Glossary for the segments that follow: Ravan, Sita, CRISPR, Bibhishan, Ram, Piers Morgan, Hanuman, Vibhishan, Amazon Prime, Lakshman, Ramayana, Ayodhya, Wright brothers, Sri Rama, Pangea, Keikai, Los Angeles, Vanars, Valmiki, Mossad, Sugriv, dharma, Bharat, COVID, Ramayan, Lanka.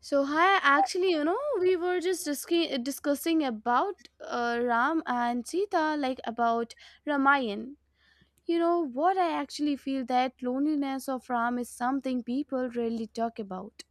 So hi, actually, you know, we were just discussing about Ram and Sita, like about Ramayan. You know what, I actually feel that loneliness of Ram is something people rarely talk about.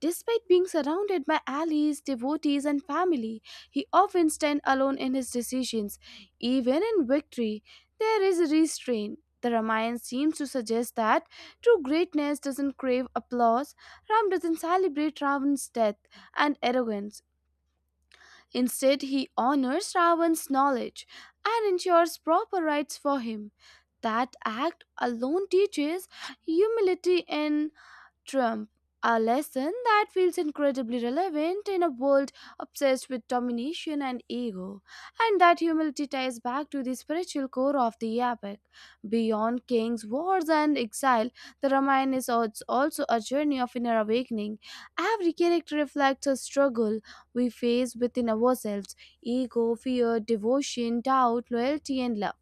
Despite being surrounded by allies, devotees, and family, he often stands alone in his decisions. Even in victory, there is restraint. The Ramayana seems to suggest that true greatness doesn't crave applause. Ram doesn't celebrate Ravan's death and arrogance. Instead, he honors Ravan's knowledge and ensures proper rights for him. That act alone teaches humility in Trump, a lesson that feels incredibly relevant in a world obsessed with domination and ego, and that humility ties back to the spiritual core of the epic. Beyond kings, wars, and exile, the Ramayana is also a journey of inner awakening. Every character reflects a struggle we face within ourselves: ego, fear, devotion, doubt, loyalty, and love.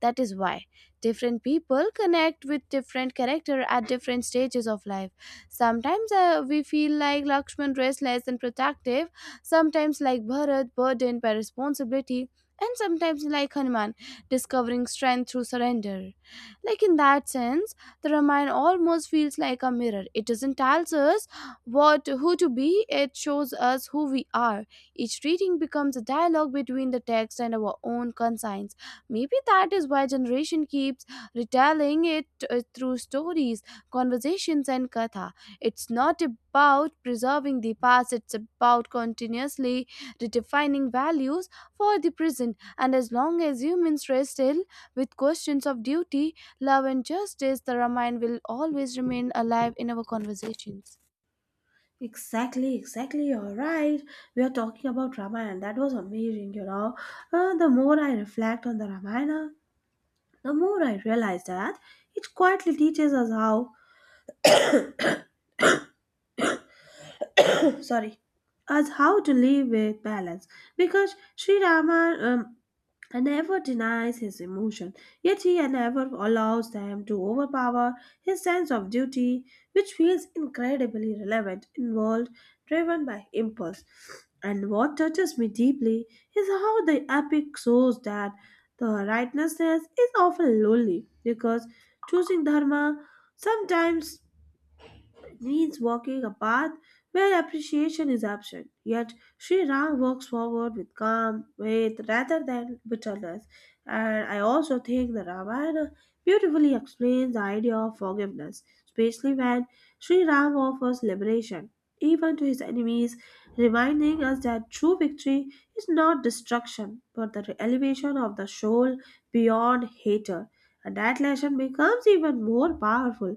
That is why different people connect with different character at different stages of life. Sometimes we feel like Lakshman, restless and protective, sometimes like Bharat, burdened by responsibility, and sometimes like Hanuman, discovering strength through surrender. Like in that sense, the Ramayana almost feels like a mirror. It doesn't tell us what who to be, it shows us who we are. Each reading becomes a dialogue between the text and our own conscience. Maybe that is why generation keeps retelling it through stories, conversations and katha. It's not about preserving the past, it's about continuously redefining values for the present. And as long as humans wrestle with questions of duty, love and justice, the Ramayana will always remain alive in our conversations. Exactly, exactly. You're right. We are talking about Ramayana. That was amazing, The more I reflect on the Ramayana, the more I realize that it quietly teaches us how, sorry, us how to live with balance. Because Sri Rama, and never denies his emotion, yet he never allows them to overpower his sense of duty, which feels incredibly relevant, involved, driven by impulse. And what touches me deeply is how the epic shows that the rightness is often lonely, because choosing dharma sometimes it means walking a path where appreciation is absent. Yet Sri Ram walks forward with calm, faith rather than bitterness. And I also think the Ramayana beautifully explains the idea of forgiveness, especially when Sri Ram offers liberation, even to his enemies, reminding us that true victory is not destruction, but the elevation of the soul beyond hatred. And that lesson becomes even more powerful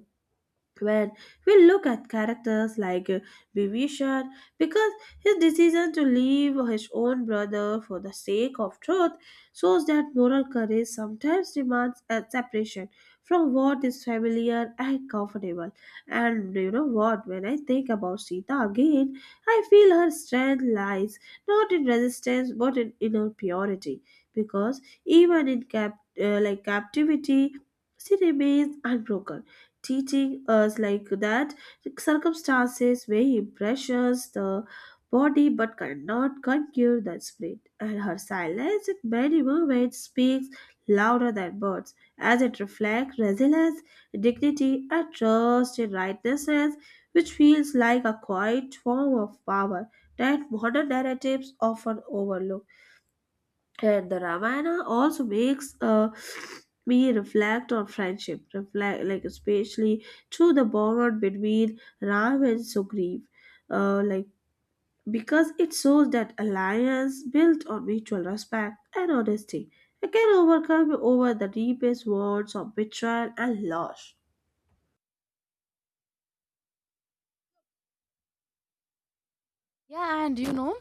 when we look at characters like Bibhishan, because his decision to leave his own brother for the sake of truth shows that moral courage sometimes demands a separation from what is familiar and comfortable. And you know what? When I think about Sita again, I feel her strength lies not in resistance but in inner purity, because even in like captivity, she remains unbroken, teaching us like that circumstances may pressures the body but cannot conquer the spirit, and her silence in many moments speaks louder than words, as it reflects resilience, dignity, and trust in righteousness, which feels like a quiet form of power that modern narratives often overlook. And the Ramayana also makes me reflect on friendship, reflect like especially through the bond between Ram and Sugriv, uh, like because it shows that alliance built on mutual respect and honesty, it can overcome over the deepest wounds of betrayal and loss. Yeah, and you know,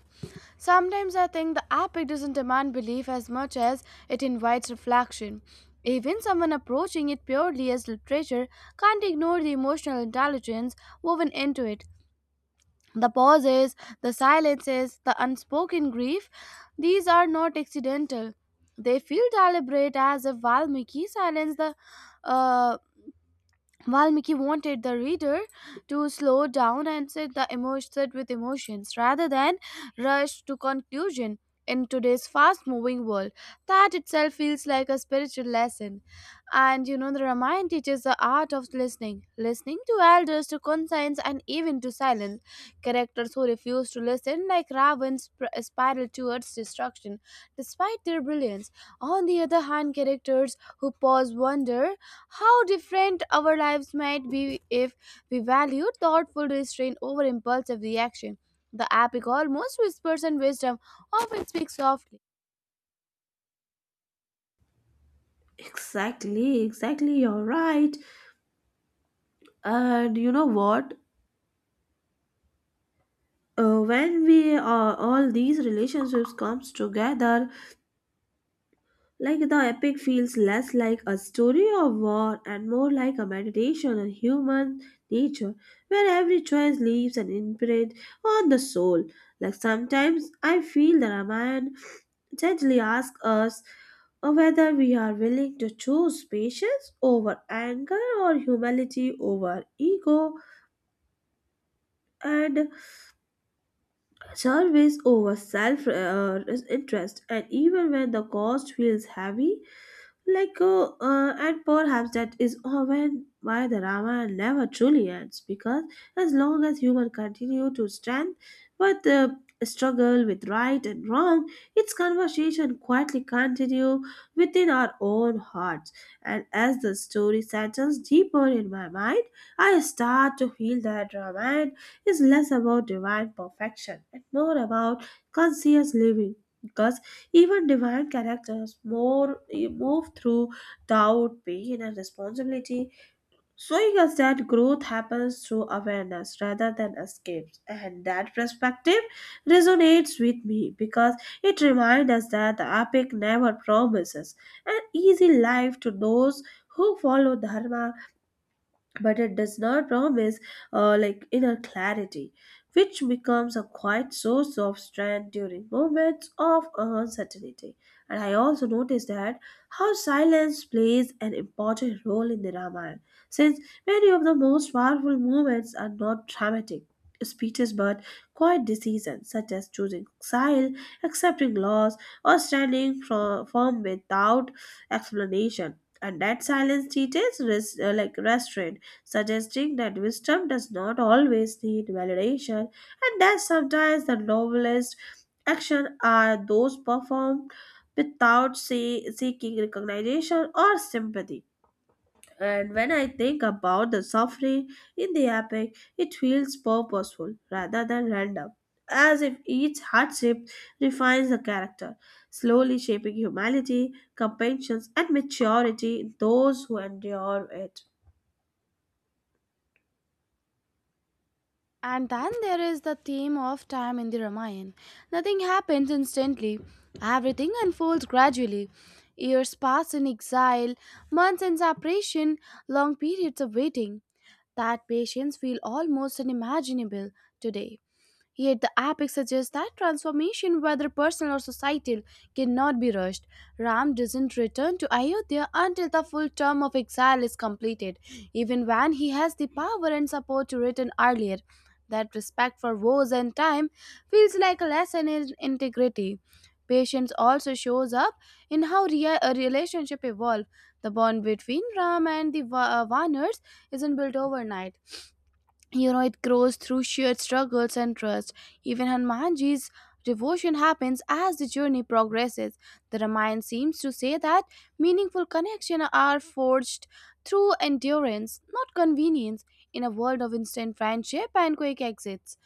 sometimes I think the epic doesn't demand belief as much as it invites reflection. Even someone approaching it purely as literature can't ignore the emotional intelligence woven into it. The pauses, the silences, the unspoken grief, these are not accidental. They feel deliberate as if Valmiki silenced the uh, While Mickey wanted the reader to slow down and sit the emotion sit with emotions rather than rush to conclusion in today's fast-moving world. That itself feels like a spiritual lesson. And you know, the Ramayana teaches the art of listening, listening to elders, to conscience, and even to silence. Characters who refuse to listen, like Ravan, spiral towards destruction, despite their brilliance. On the other hand, characters who pause wonder how different our lives might be if we valued thoughtful restraint over impulsive reaction. The epic almost whispers and wisdom often speaks softly. Exactly, exactly. You're right. And you know what? When we all these relationships comes together, like the epic feels less like a story of war and more like a meditation on human nature, where every choice leaves an imprint on the soul. Like sometimes I feel the Ramayana gently asks us whether we are willing to choose patience over anger, or humility over ego, and service over self interest, and even when the cost feels heavy. And perhaps that is often why the Ramayana never truly ends, because as long as humans continue to stand with the struggle with right and wrong, its conversation quietly continue within our own hearts. And as the story settles deeper in my mind, I start to feel that Ramayana is less about divine perfection and more about conscious living, because even divine characters more move through doubt, pain, and responsibility, showing us that growth happens through awareness rather than escapes. And that perspective resonates with me because it reminds us that the epic never promises an easy life to those who follow dharma, but it does not promise like inner clarity, which becomes a quiet source of strength during moments of uncertainty. And I also noticed that how silence plays an important role in the Ramayana, since many of the most powerful moments are not dramatic speeches but quiet decisions such as choosing exile, accepting loss, or firm without explanation. And that silence teaches like restraint, suggesting that wisdom does not always need validation, and that sometimes the noblest actions are those performed without say, seeking recognition or sympathy. And when I think about the suffering in the epic, it feels purposeful rather than random, as if each hardship refines the character, slowly shaping humanity, compassion, and maturity in those who endure it. And then there is the theme of time in the Ramayana. Nothing happens instantly, everything unfolds gradually. Years pass in exile, months in separation, long periods of waiting. That patience feels almost unimaginable today. Yet the epic suggests that transformation, whether personal or societal, cannot be rushed. Ram doesn't return to Ayodhya until the full term of exile is completed, even when he has the power and support to return earlier. That respect for woes and time feels like a lesson in integrity. Patience also shows up in how a relationship evolves. The bond between Ram and the Vanars isn't built overnight. You know, it grows through shared struggles and trust. Even Hanumanji's devotion happens as the journey progresses. The Ramayana seems to say that meaningful connections are forged through endurance, not convenience. In a world of instant friendship and quick exits,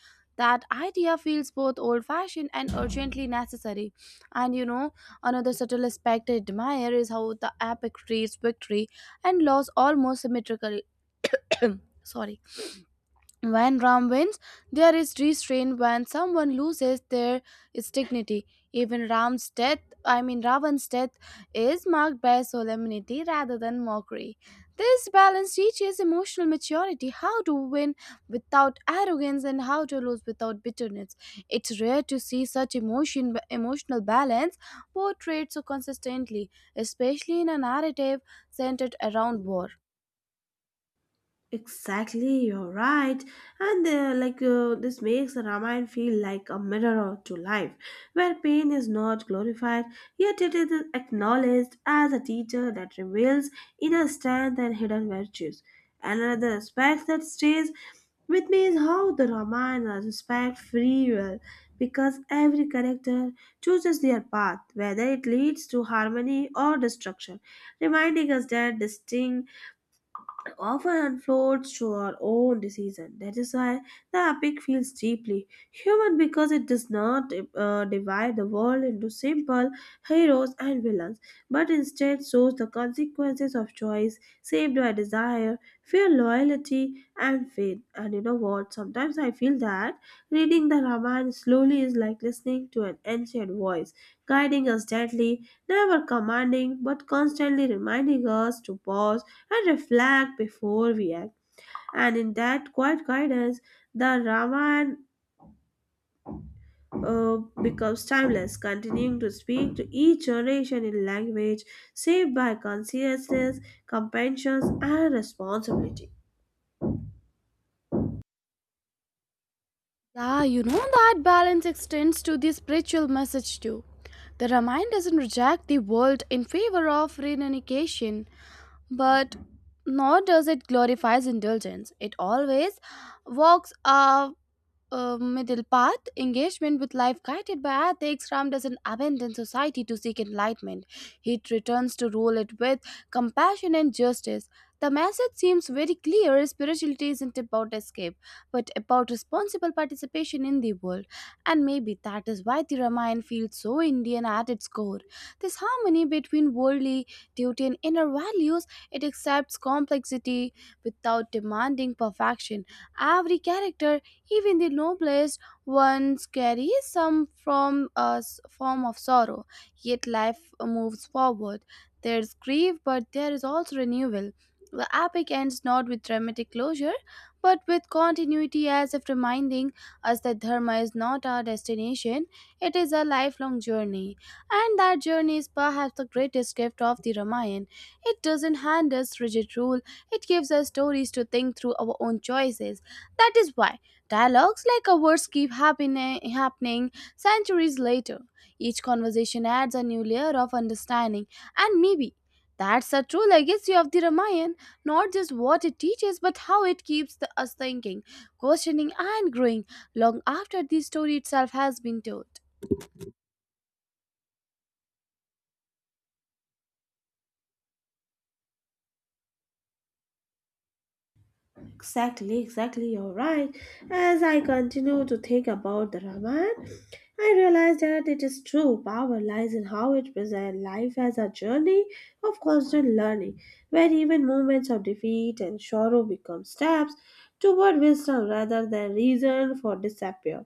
that idea feels both old fashioned and urgently necessary. And you know, another subtle aspect I admire is how the epic treats victory and loss almost symmetrically. Sorry, when Ram wins, there is restraint. When someone loses, there is dignity. Even Ram's death, I mean Ravan's death is marked by solemnity rather than mockery. This balance teaches emotional maturity, how to win without arrogance and how to lose without bitterness. It's rare to see such emotional balance portrayed so consistently, especially in a narrative centered around war. Exactly, you're right. And this makes the Ramayana feel like a mirror to life, where pain is not glorified, yet it is acknowledged as a teacher that reveals inner strength and hidden virtues. And another aspect that stays with me is how the Ramayana respects free will, because every character chooses their path, whether it leads to harmony or destruction, reminding us that distinct often unfolds to our own decision. That is why the epic feels deeply human, because it does not divide the world into simple heroes and villains, but instead shows the consequences of choice saved by desire, fear, loyalty, and faith. And you know what? Sometimes I feel that reading the Ramayana slowly is like listening to an ancient voice, guiding us gently, never commanding but constantly reminding us to pause and reflect before we act. And in that quiet guidance, the Ramayana uh, becomes timeless, continuing to speak to each generation in language saved by consciousness, compassion, and responsibility. Yeah, you know, that balance extends to the spiritual message too. The Ramayana doesn't reject the world in favor of renunciation, but nor does it glorifies indulgence. It always walks a middle path, engagement with life guided by ethics. Ram doesn't abandon society to seek enlightenment. He returns to rule it with compassion and justice. The message seems very clear: spirituality isn't about escape, but about responsible participation in the world. And maybe that is why the Ramayana feels so Indian at its core. This harmony between worldly duty and inner values, it accepts complexity without demanding perfection. Every character, even the noblest ones, carry some from a s- form of sorrow, yet life moves forward. There's grief, but there is also renewal. The epic ends not with dramatic closure, but with continuity, as if reminding us that dharma is not our destination, it is a lifelong journey. And that journey is perhaps the greatest gift of the Ramayana. It doesn't hand us rigid rule, it gives us stories to think through our own choices. That is why dialogues like ours keep happening centuries later. Each conversation adds a new layer of understanding, and maybe that's the true legacy of the Ramayana, not just what it teaches, but how it keeps us thinking, questioning, and growing long after the story itself has been told. Exactly, exactly, you're right. As I continue to think about the Ramayana, I realize that it is true. Power lies in how it presents life as a journey of constant learning, where even moments of defeat and sorrow become steps toward wisdom rather than reason for disappear.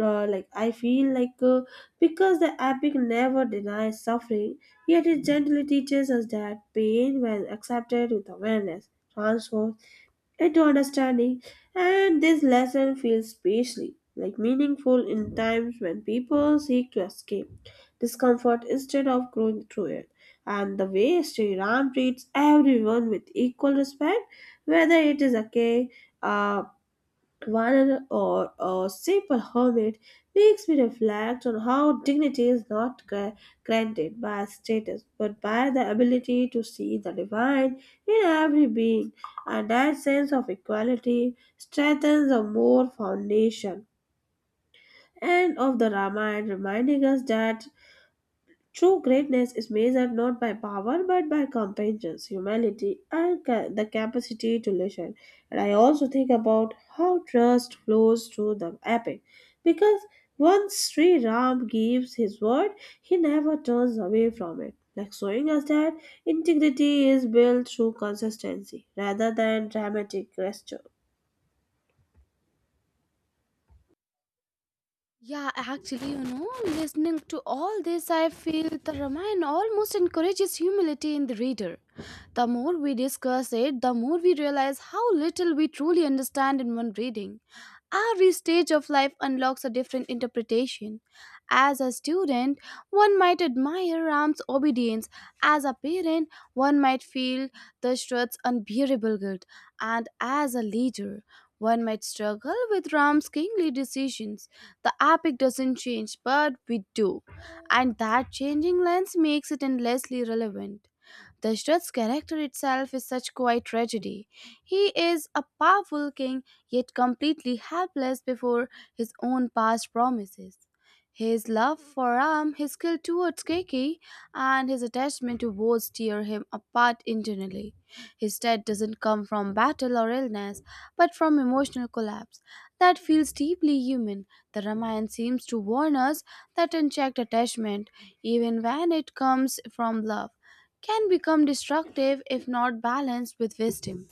Like I feel like Because the epic never denies suffering, yet it gently teaches us that pain, when accepted with awareness, transforms into understanding. And this lesson feels especially like meaningful in times when people seek to escape discomfort instead of growing through it. And the way Sri Ram treats everyone with equal respect, whether it is a Warner or simple hermit, makes me reflect on how dignity is not granted by status but by the ability to see the divine in every being, and that sense of equality strengthens the more foundation. End of the Ramayana, reminding us that true greatness is measured not by power but by competence, humility, and the capacity to listen. And I also think about how trust flows through the epic. Because once Sri Ram gives his word, he never turns away from it. Like showing us that integrity is built through consistency rather than dramatic gesture. Yeah, actually, you know, listening to all this, I feel the Ramayana almost encourages humility in the reader. The more we discuss it, the more we realize how little we truly understand in one reading. Every stage of life unlocks a different interpretation. As a student, one might admire Ram's obedience. As a parent, one might feel Dashrath's unbearable guilt. And as a leader, one might struggle with Ram's kingly decisions. The epic doesn't change, but we do. And that changing lens makes it endlessly relevant. The Struth's character itself is such quiet tragedy. He is a powerful king, yet completely helpless before his own past promises. His love for Ram, his skill towards Keiki, and his attachment to Woz tear him apart internally. His death doesn't come from battle or illness, but from emotional collapse that feels deeply human. The Ramayana seems to warn us that unchecked attachment, even when it comes from love, can become destructive if not balanced with wisdom.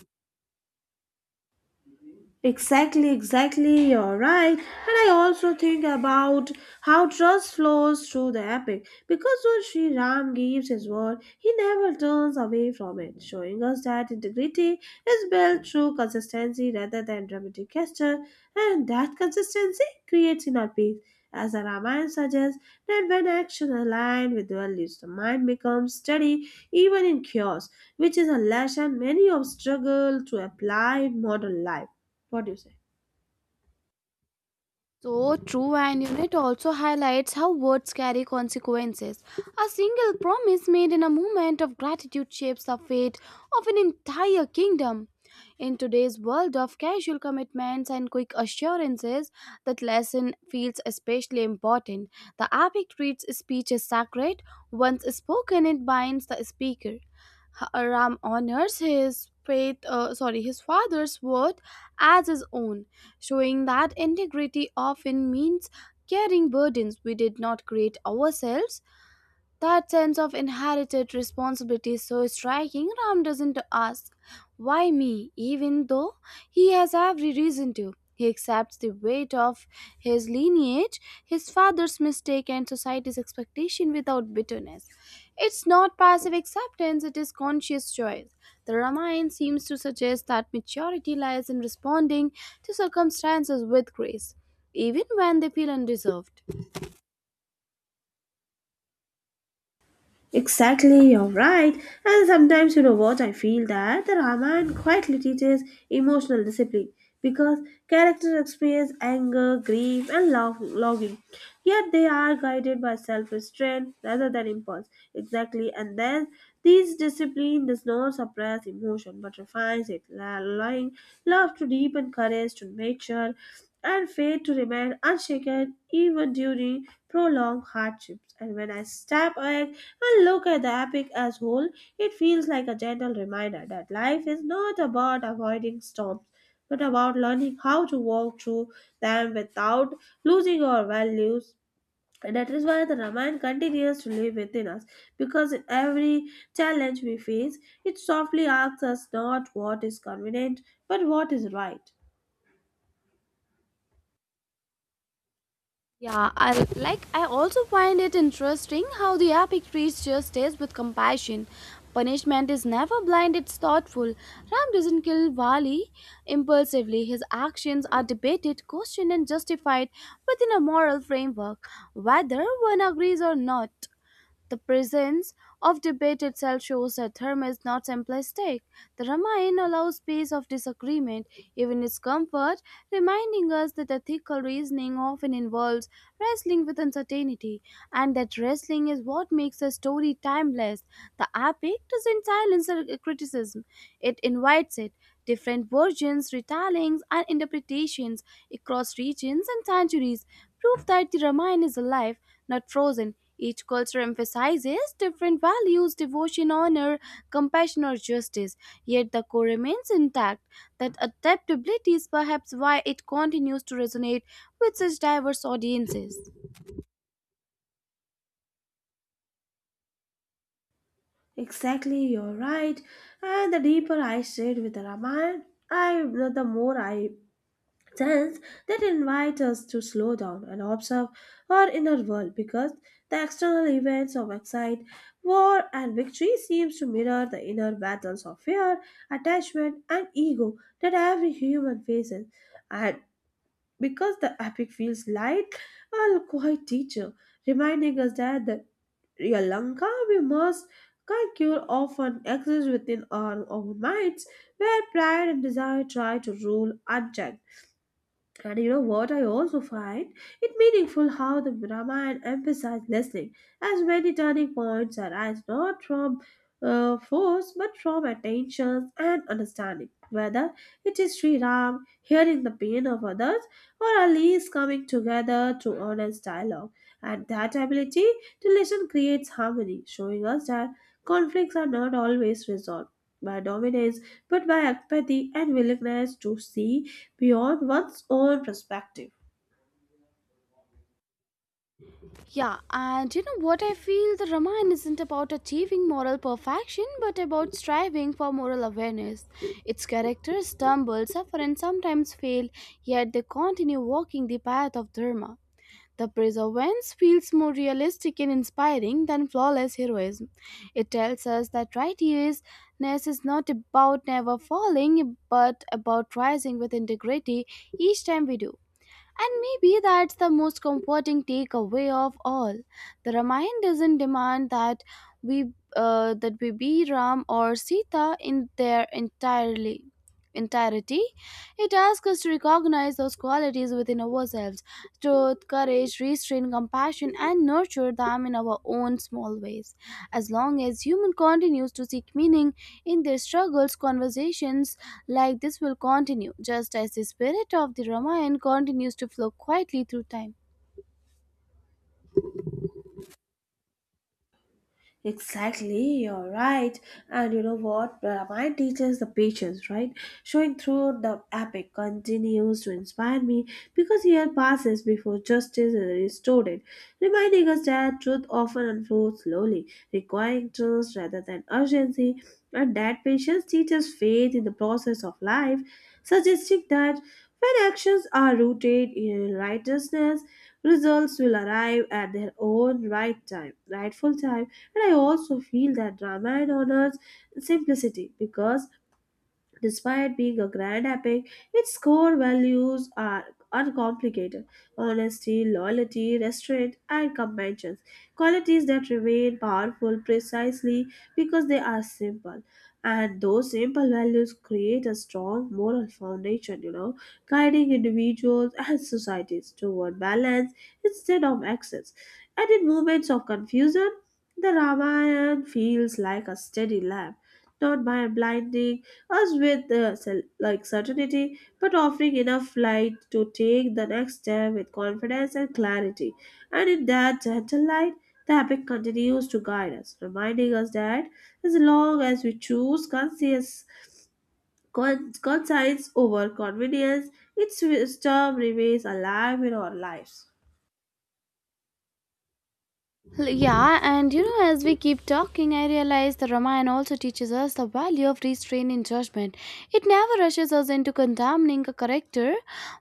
Exactly, exactly, you're right. And I also think about how trust flows through the epic. Because when Sri Ram gives his word, he never turns away from it, showing us that integrity is built through consistency rather than dramatic gesture, and that consistency creates inner peace. As the Ramayana suggests, that when action aligns with values, the mind becomes steady even in chaos, which is a lesson many of struggle to apply in modern life. What do you say? So true, and unit also highlights how words carry consequences. A single promise made in a moment of gratitude shapes the fate of an entire kingdom. In today's world of casual commitments and quick assurances, that lesson feels especially important. The epic treats speech as sacred. Once spoken, it binds the speaker. Ram honors his father's word as his own, showing that integrity often means carrying burdens we did not create ourselves. That sense of inherited responsibility is so striking. Ram doesn't ask, "Why me?" even though he has every reason to. He accepts the weight of his lineage, his father's mistake, and society's expectation without bitterness. It's not passive acceptance, it is conscious choice. The Ramayana seems to suggest that maturity lies in responding to circumstances with grace, even when they feel undeserved. Exactly, you're right. And sometimes, you know what, I feel that the Ramayana quietly teaches emotional discipline, because characters experience anger, grief, and love, longing. Yet they are guided by self restraint rather than impulse. Exactly, and then this discipline does not suppress emotion but refines it, allowing love to deepen, courage to mature, and faith to remain unshaken even during prolonged hardships. And when I step back, I look at the epic as whole, it feels like a gentle reminder that life is not about avoiding storms, but about learning how to walk through them without losing our values. And that is why the Ramayana continues to live within us, because in every challenge we face, it softly asks us not what is convenient, but what is right. Yeah, I also find it interesting how the epic treats justice with compassion. Punishment is never blind, it's thoughtful. Ram doesn't kill Vali impulsively. His actions are debated, questioned and justified within a moral framework, whether one agrees or not. The presence of debate itself shows that dharma is not simplistic. The Ramayana allows space of disagreement, even its comfort, reminding us that ethical reasoning often involves wrestling with uncertainty, and that wrestling is what makes a story timeless. The epic doesn't silence criticism, it invites it. Different versions, retellings, and interpretations across regions and centuries prove that the Ramayana is alive, not frozen. Each culture emphasizes different values: devotion, honor, compassion, or justice, yet the core remains intact. That adaptability is perhaps why it continues to resonate with such diverse audiences. Exactly, you're right. And the deeper I stayed with the Ramayana, I the more I Hence, that invite us to slow down and observe our inner world, because the external events of excite, war, and victory seems to mirror the inner battles of fear, attachment, and ego that every human faces. And because the epic feels light, a quiet teacher, reminding us that the Sri Lanka we must conquer often exists within our own minds, where pride and desire try to rule unchecked. And you know what I also find? It meaningful how the Ramayana emphasized listening, as many turning points arise not from force but from attention and understanding. Whether it is Sri Ram hearing the pain of others or allies coming together to honest dialogue, and that ability to listen creates harmony, showing us that conflicts are not always resolved by dominance but by empathy and willingness to see beyond one's own perspective. Yeah, and you know what, I feel the Ramayana isn't about achieving moral perfection but about striving for moral awareness. Its characters stumble, suffer, and sometimes fail, yet they continue walking the path of Dharma. The preservance feels more realistic and inspiring than flawless heroism. It tells us that righteousness is not about never falling, but about rising with integrity each time we do. And maybe that's the most comforting takeaway of all. The Ramayana doesn't demand that we be Ram or Sita in their entirely entirety. It asks us to recognize those qualities within ourselves: truth, courage, restraint, compassion, and nurture them in our own small ways. As long as human continues to seek meaning in their struggles, conversations like this will continue, just as the spirit of the Ramayana continues to flow quietly through time. Exactly, you're right. And you know what? Ramayana teaches the patience, right? Showing through the epic continues to inspire me because year passes before justice is restored, it, reminding us that truth often unfolds slowly, requiring trust rather than urgency, and that patience teaches faith in the process of life, suggesting that when actions are rooted in righteousness, results will arrive at their own right time, rightful time. And I also feel that Ramayana honors simplicity, because despite being a grand epic, its core values are uncomplicated: honesty, loyalty, restraint, and compassion. Qualities that remain powerful precisely because they are simple. And those simple values create a strong moral foundation, you know, guiding individuals and societies toward balance instead of excess. And in moments of confusion, the Ramayana feels like a steady lamp, not by blinding us with like certainty but offering enough light to take the next step with confidence and clarity. And in that gentle light, the epic continues to guide us, reminding us that as long as we choose conscience over convenience, its wisdom remains alive in our lives. Yeah, and you know, as we keep talking, I realize the Ramayana also teaches us the value of restraining judgment. It never rushes us into condemning a character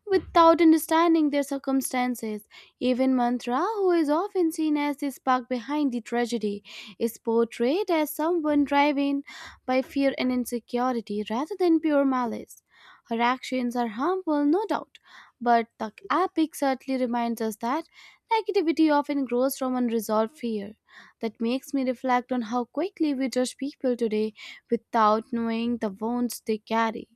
without understanding their circumstances. Even Mantra, who is often seen as the spark behind the tragedy, is portrayed as someone driven by fear and insecurity rather than pure malice. Her actions are harmful, no doubt, but the epic certainly reminds us that negativity often grows from unresolved fear. That makes me reflect on how quickly we judge people today without knowing the wounds they carry.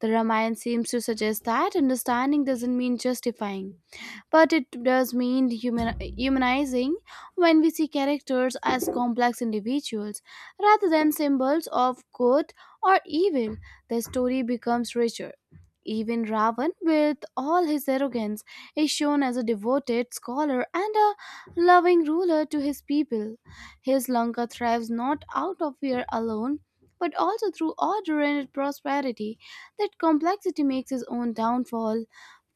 The Ramayana seems to suggest that understanding doesn't mean justifying but it does mean humanizing when we see characters as complex individuals rather than symbols of good or evil. The story becomes richer. Even Ravan, with all his arrogance, is shown as a devoted scholar and a loving ruler to his people. His Lanka thrives not out of fear alone, but also through order and prosperity. That complexity makes his own downfall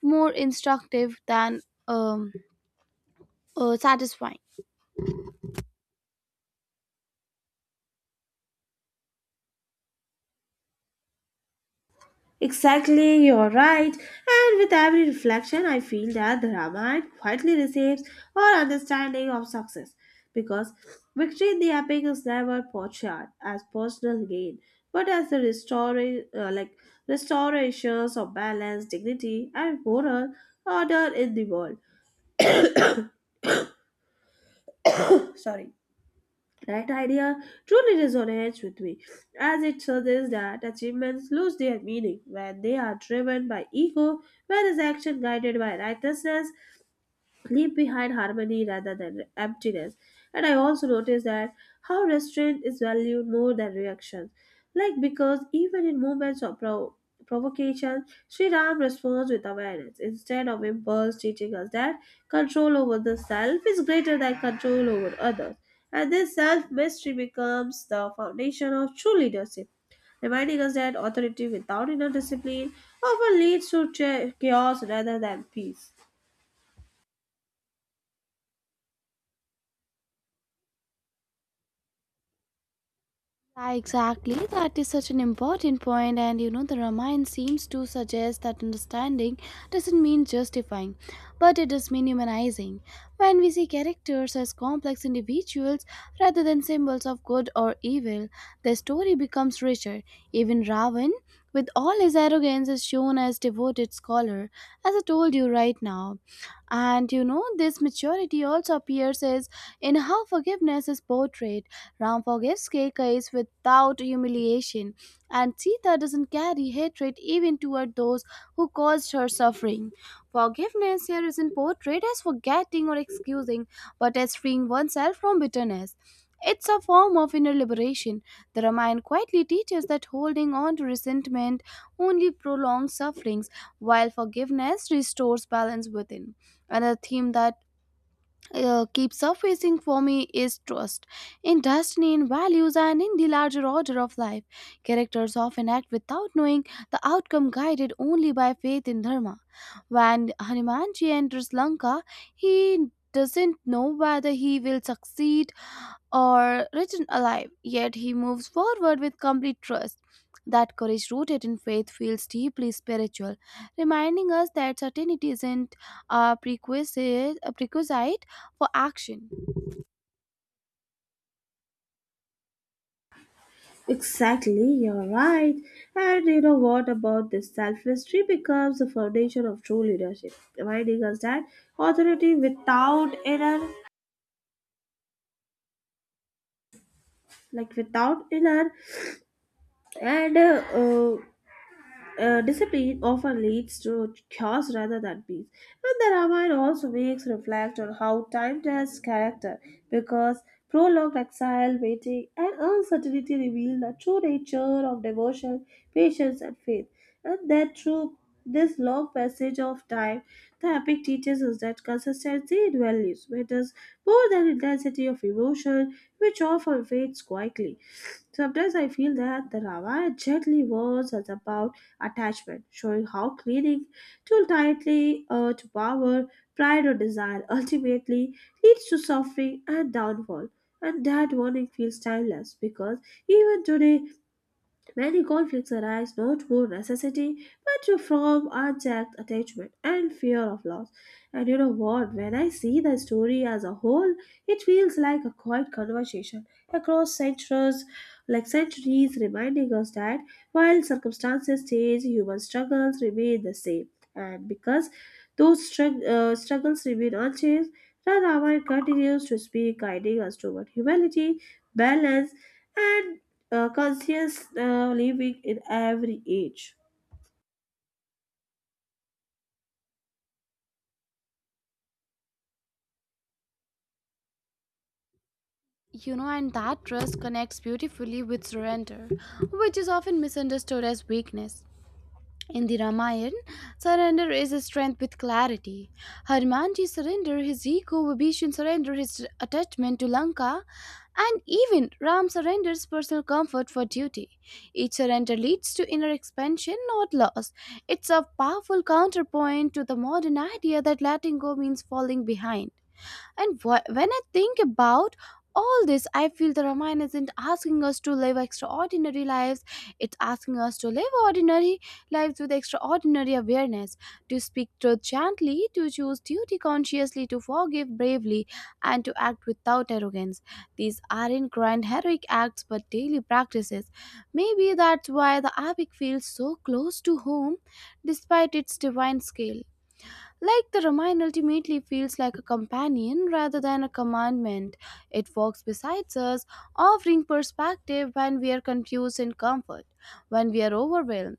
more instructive than um, satisfying. Exactly, you're right. And with every reflection, I feel that the Ramayana quietly receives our understanding of success, because victory in the epic is never portrayed as personal gain, but as the like restorations of balance, dignity, and moral order in the world. Sorry. That idea truly resonates with me, as it suggests that achievements lose their meaning when they are driven by ego, whereas action guided by righteousness leave behind harmony rather than emptiness. And I also noticed that how restraint is valued more than reaction. Like, because even in moments of provocation, Sri Ram responds with awareness instead of impulse, teaching us that control over the self is greater than control over others. And this self mastery becomes the foundation of true leadership, reminding us that authority without inner discipline often leads to chaos rather than peace. Yeah, exactly. That is such an important point, and you know, the Ramayana seems to suggest that understanding doesn't mean justifying, but it does mean humanizing. When we see characters as complex individuals rather than symbols of good or evil, the story becomes richer. Even Ravan, with all his arrogance, is shown as devoted scholar, as I told you right now. And you know, this maturity also appears as in how forgiveness is portrayed. Ram forgives Keikais without humiliation, and Sita doesn't carry hatred even toward those who caused her suffering. Forgiveness here isn't portrayed as forgetting or excusing, but as freeing oneself from bitterness. It's a form of inner liberation. The Ramayana quietly teaches that holding on to resentment only prolongs sufferings, while forgiveness restores balance within. Another theme that keeps surfacing for me is trust in destiny, in values, and in the larger order of life. Characters often act without knowing the outcome, guided only by faith in dharma. When Hanumanji enters Lanka, he doesn't know whether he will succeed or written alive, yet he moves forward with complete trust. That courage rooted in faith feels deeply spiritual, reminding us that certainty isn't a prerequisite for action. Exactly, you're right. And you know what about this self becomes the foundation of true leadership, reminding us that authority without inner, like without inner, and discipline often leads to chaos rather than peace. And the Ramayana also makes reflect on how time tests character, because prolonged exile, waiting, and uncertainty reveal the true nature of devotion, patience, and faith. And that through this long passage of time, the epic teaches us that consistency in values matters more than intensity of emotion, which often fades quietly. Sometimes I feel that the Ramayana gently warns us about attachment, showing how clinging too tightly to power, pride, or desire ultimately leads to suffering and downfall. And that warning feels timeless because even today many conflicts arise not for necessity but from unchecked attachment and fear of loss. And you know what? When I see the story as a whole, it feels like a quiet conversation across centuries, like centuries, reminding us that while circumstances change, human struggles remain the same. And because those struggles remain unchanged, the Ramayana continues to speak, guiding us toward humility, balance, and conscious living in every age. You know, and that trust connects beautifully with surrender, which is often misunderstood as weakness. In the Ramayana, surrender is a strength with clarity. Hanumanji surrendered his ego, Vibhishan surrendered his attachment to Lanka, and even Ram surrenders personal comfort for duty. Each surrender leads to inner expansion, not loss. It's a powerful counterpoint to the modern idea that letting go means falling behind. And when I think about all this, I feel the Ramayana isn't asking us to live extraordinary lives. It's asking us to live ordinary lives with extraordinary awareness, to speak truth gently, to choose duty consciously, to forgive bravely, and to act without arrogance. These aren't grand heroic acts but daily practices. Maybe that's why the epic feels so close to home despite its divine scale. Like the Ramayana ultimately feels like a companion rather than a commandment. It walks beside us, offering perspective when we are confused and comfort, when we are overwhelmed.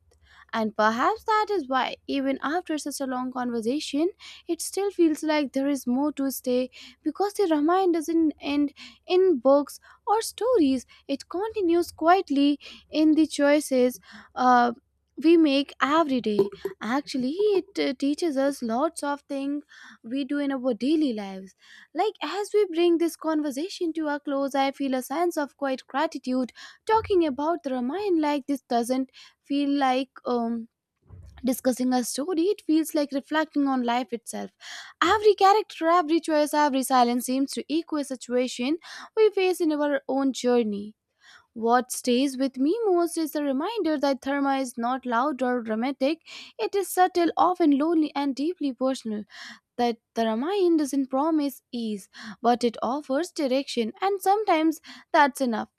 And perhaps that is why, even after such a long conversation, it still feels like there is more to stay because the Ramayana doesn't end in books or stories. It continues quietly in the choices uh, we make every day. Actually, it teaches us lots of things we do in our daily lives. Like, as we bring this conversation to a close, I feel a sense of quiet gratitude. Talking about the Ramayana like this doesn't feel like discussing a story, it feels like reflecting on life itself. Every character, every choice, every silence seems to echo a situation we face in our own journey. What stays with me most is the reminder that Therma is not loud or dramatic. It is subtle, often lonely, and deeply personal. That the Ramayana doesn't promise ease, but it offers direction, and sometimes that's enough.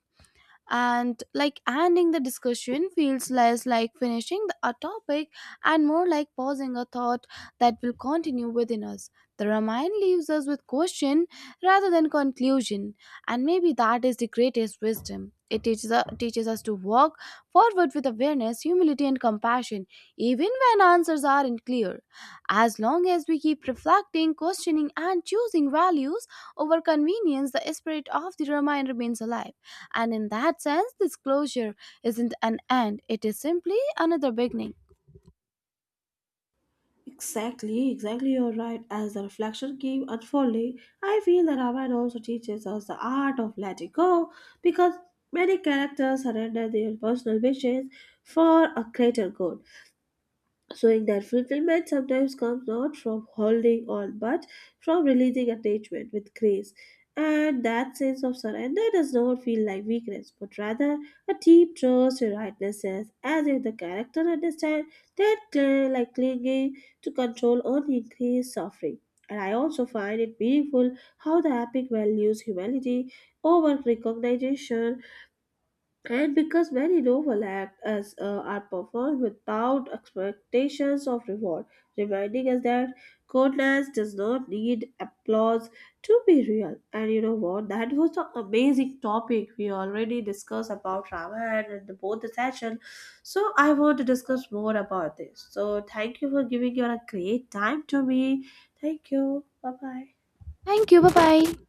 And like ending the discussion feels less like a topic and more like pausing a thought that will continue within us. The Ramayana leaves us with question rather than conclusion, and maybe that is the greatest wisdom it teaches us: to walk forward with awareness, humility, and compassion even when answers aren't clear. As long as we keep reflecting, questioning, and choosing values over convenience, the spirit of the Ramayana remains alive. And in that sense, this closure isn't an end, it is simply another beginning. Exactly, exactly, you're right. As the reflection keeps unfolding, I feel that Raman also teaches us the art of letting go, because many characters surrender their personal wishes for a greater good, showing that fulfillment sometimes comes not from holding on but from releasing attachment with grace. And that sense of surrender does not feel like weakness, but rather a deep trust in rightness, as if the character understands that like clinging to control only increases suffering. And I also find it meaningful how the epic values humility over recognition, and because many novel acts as are performed without expectations of reward, reminding us that goodness does not need applause to be real. And you know what? That was the amazing topic we already discussed about Ramayana and the, both the session. So I want to discuss more about this. So thank you for giving your a great time to me. Thank you. Bye bye. Thank you. Bye bye.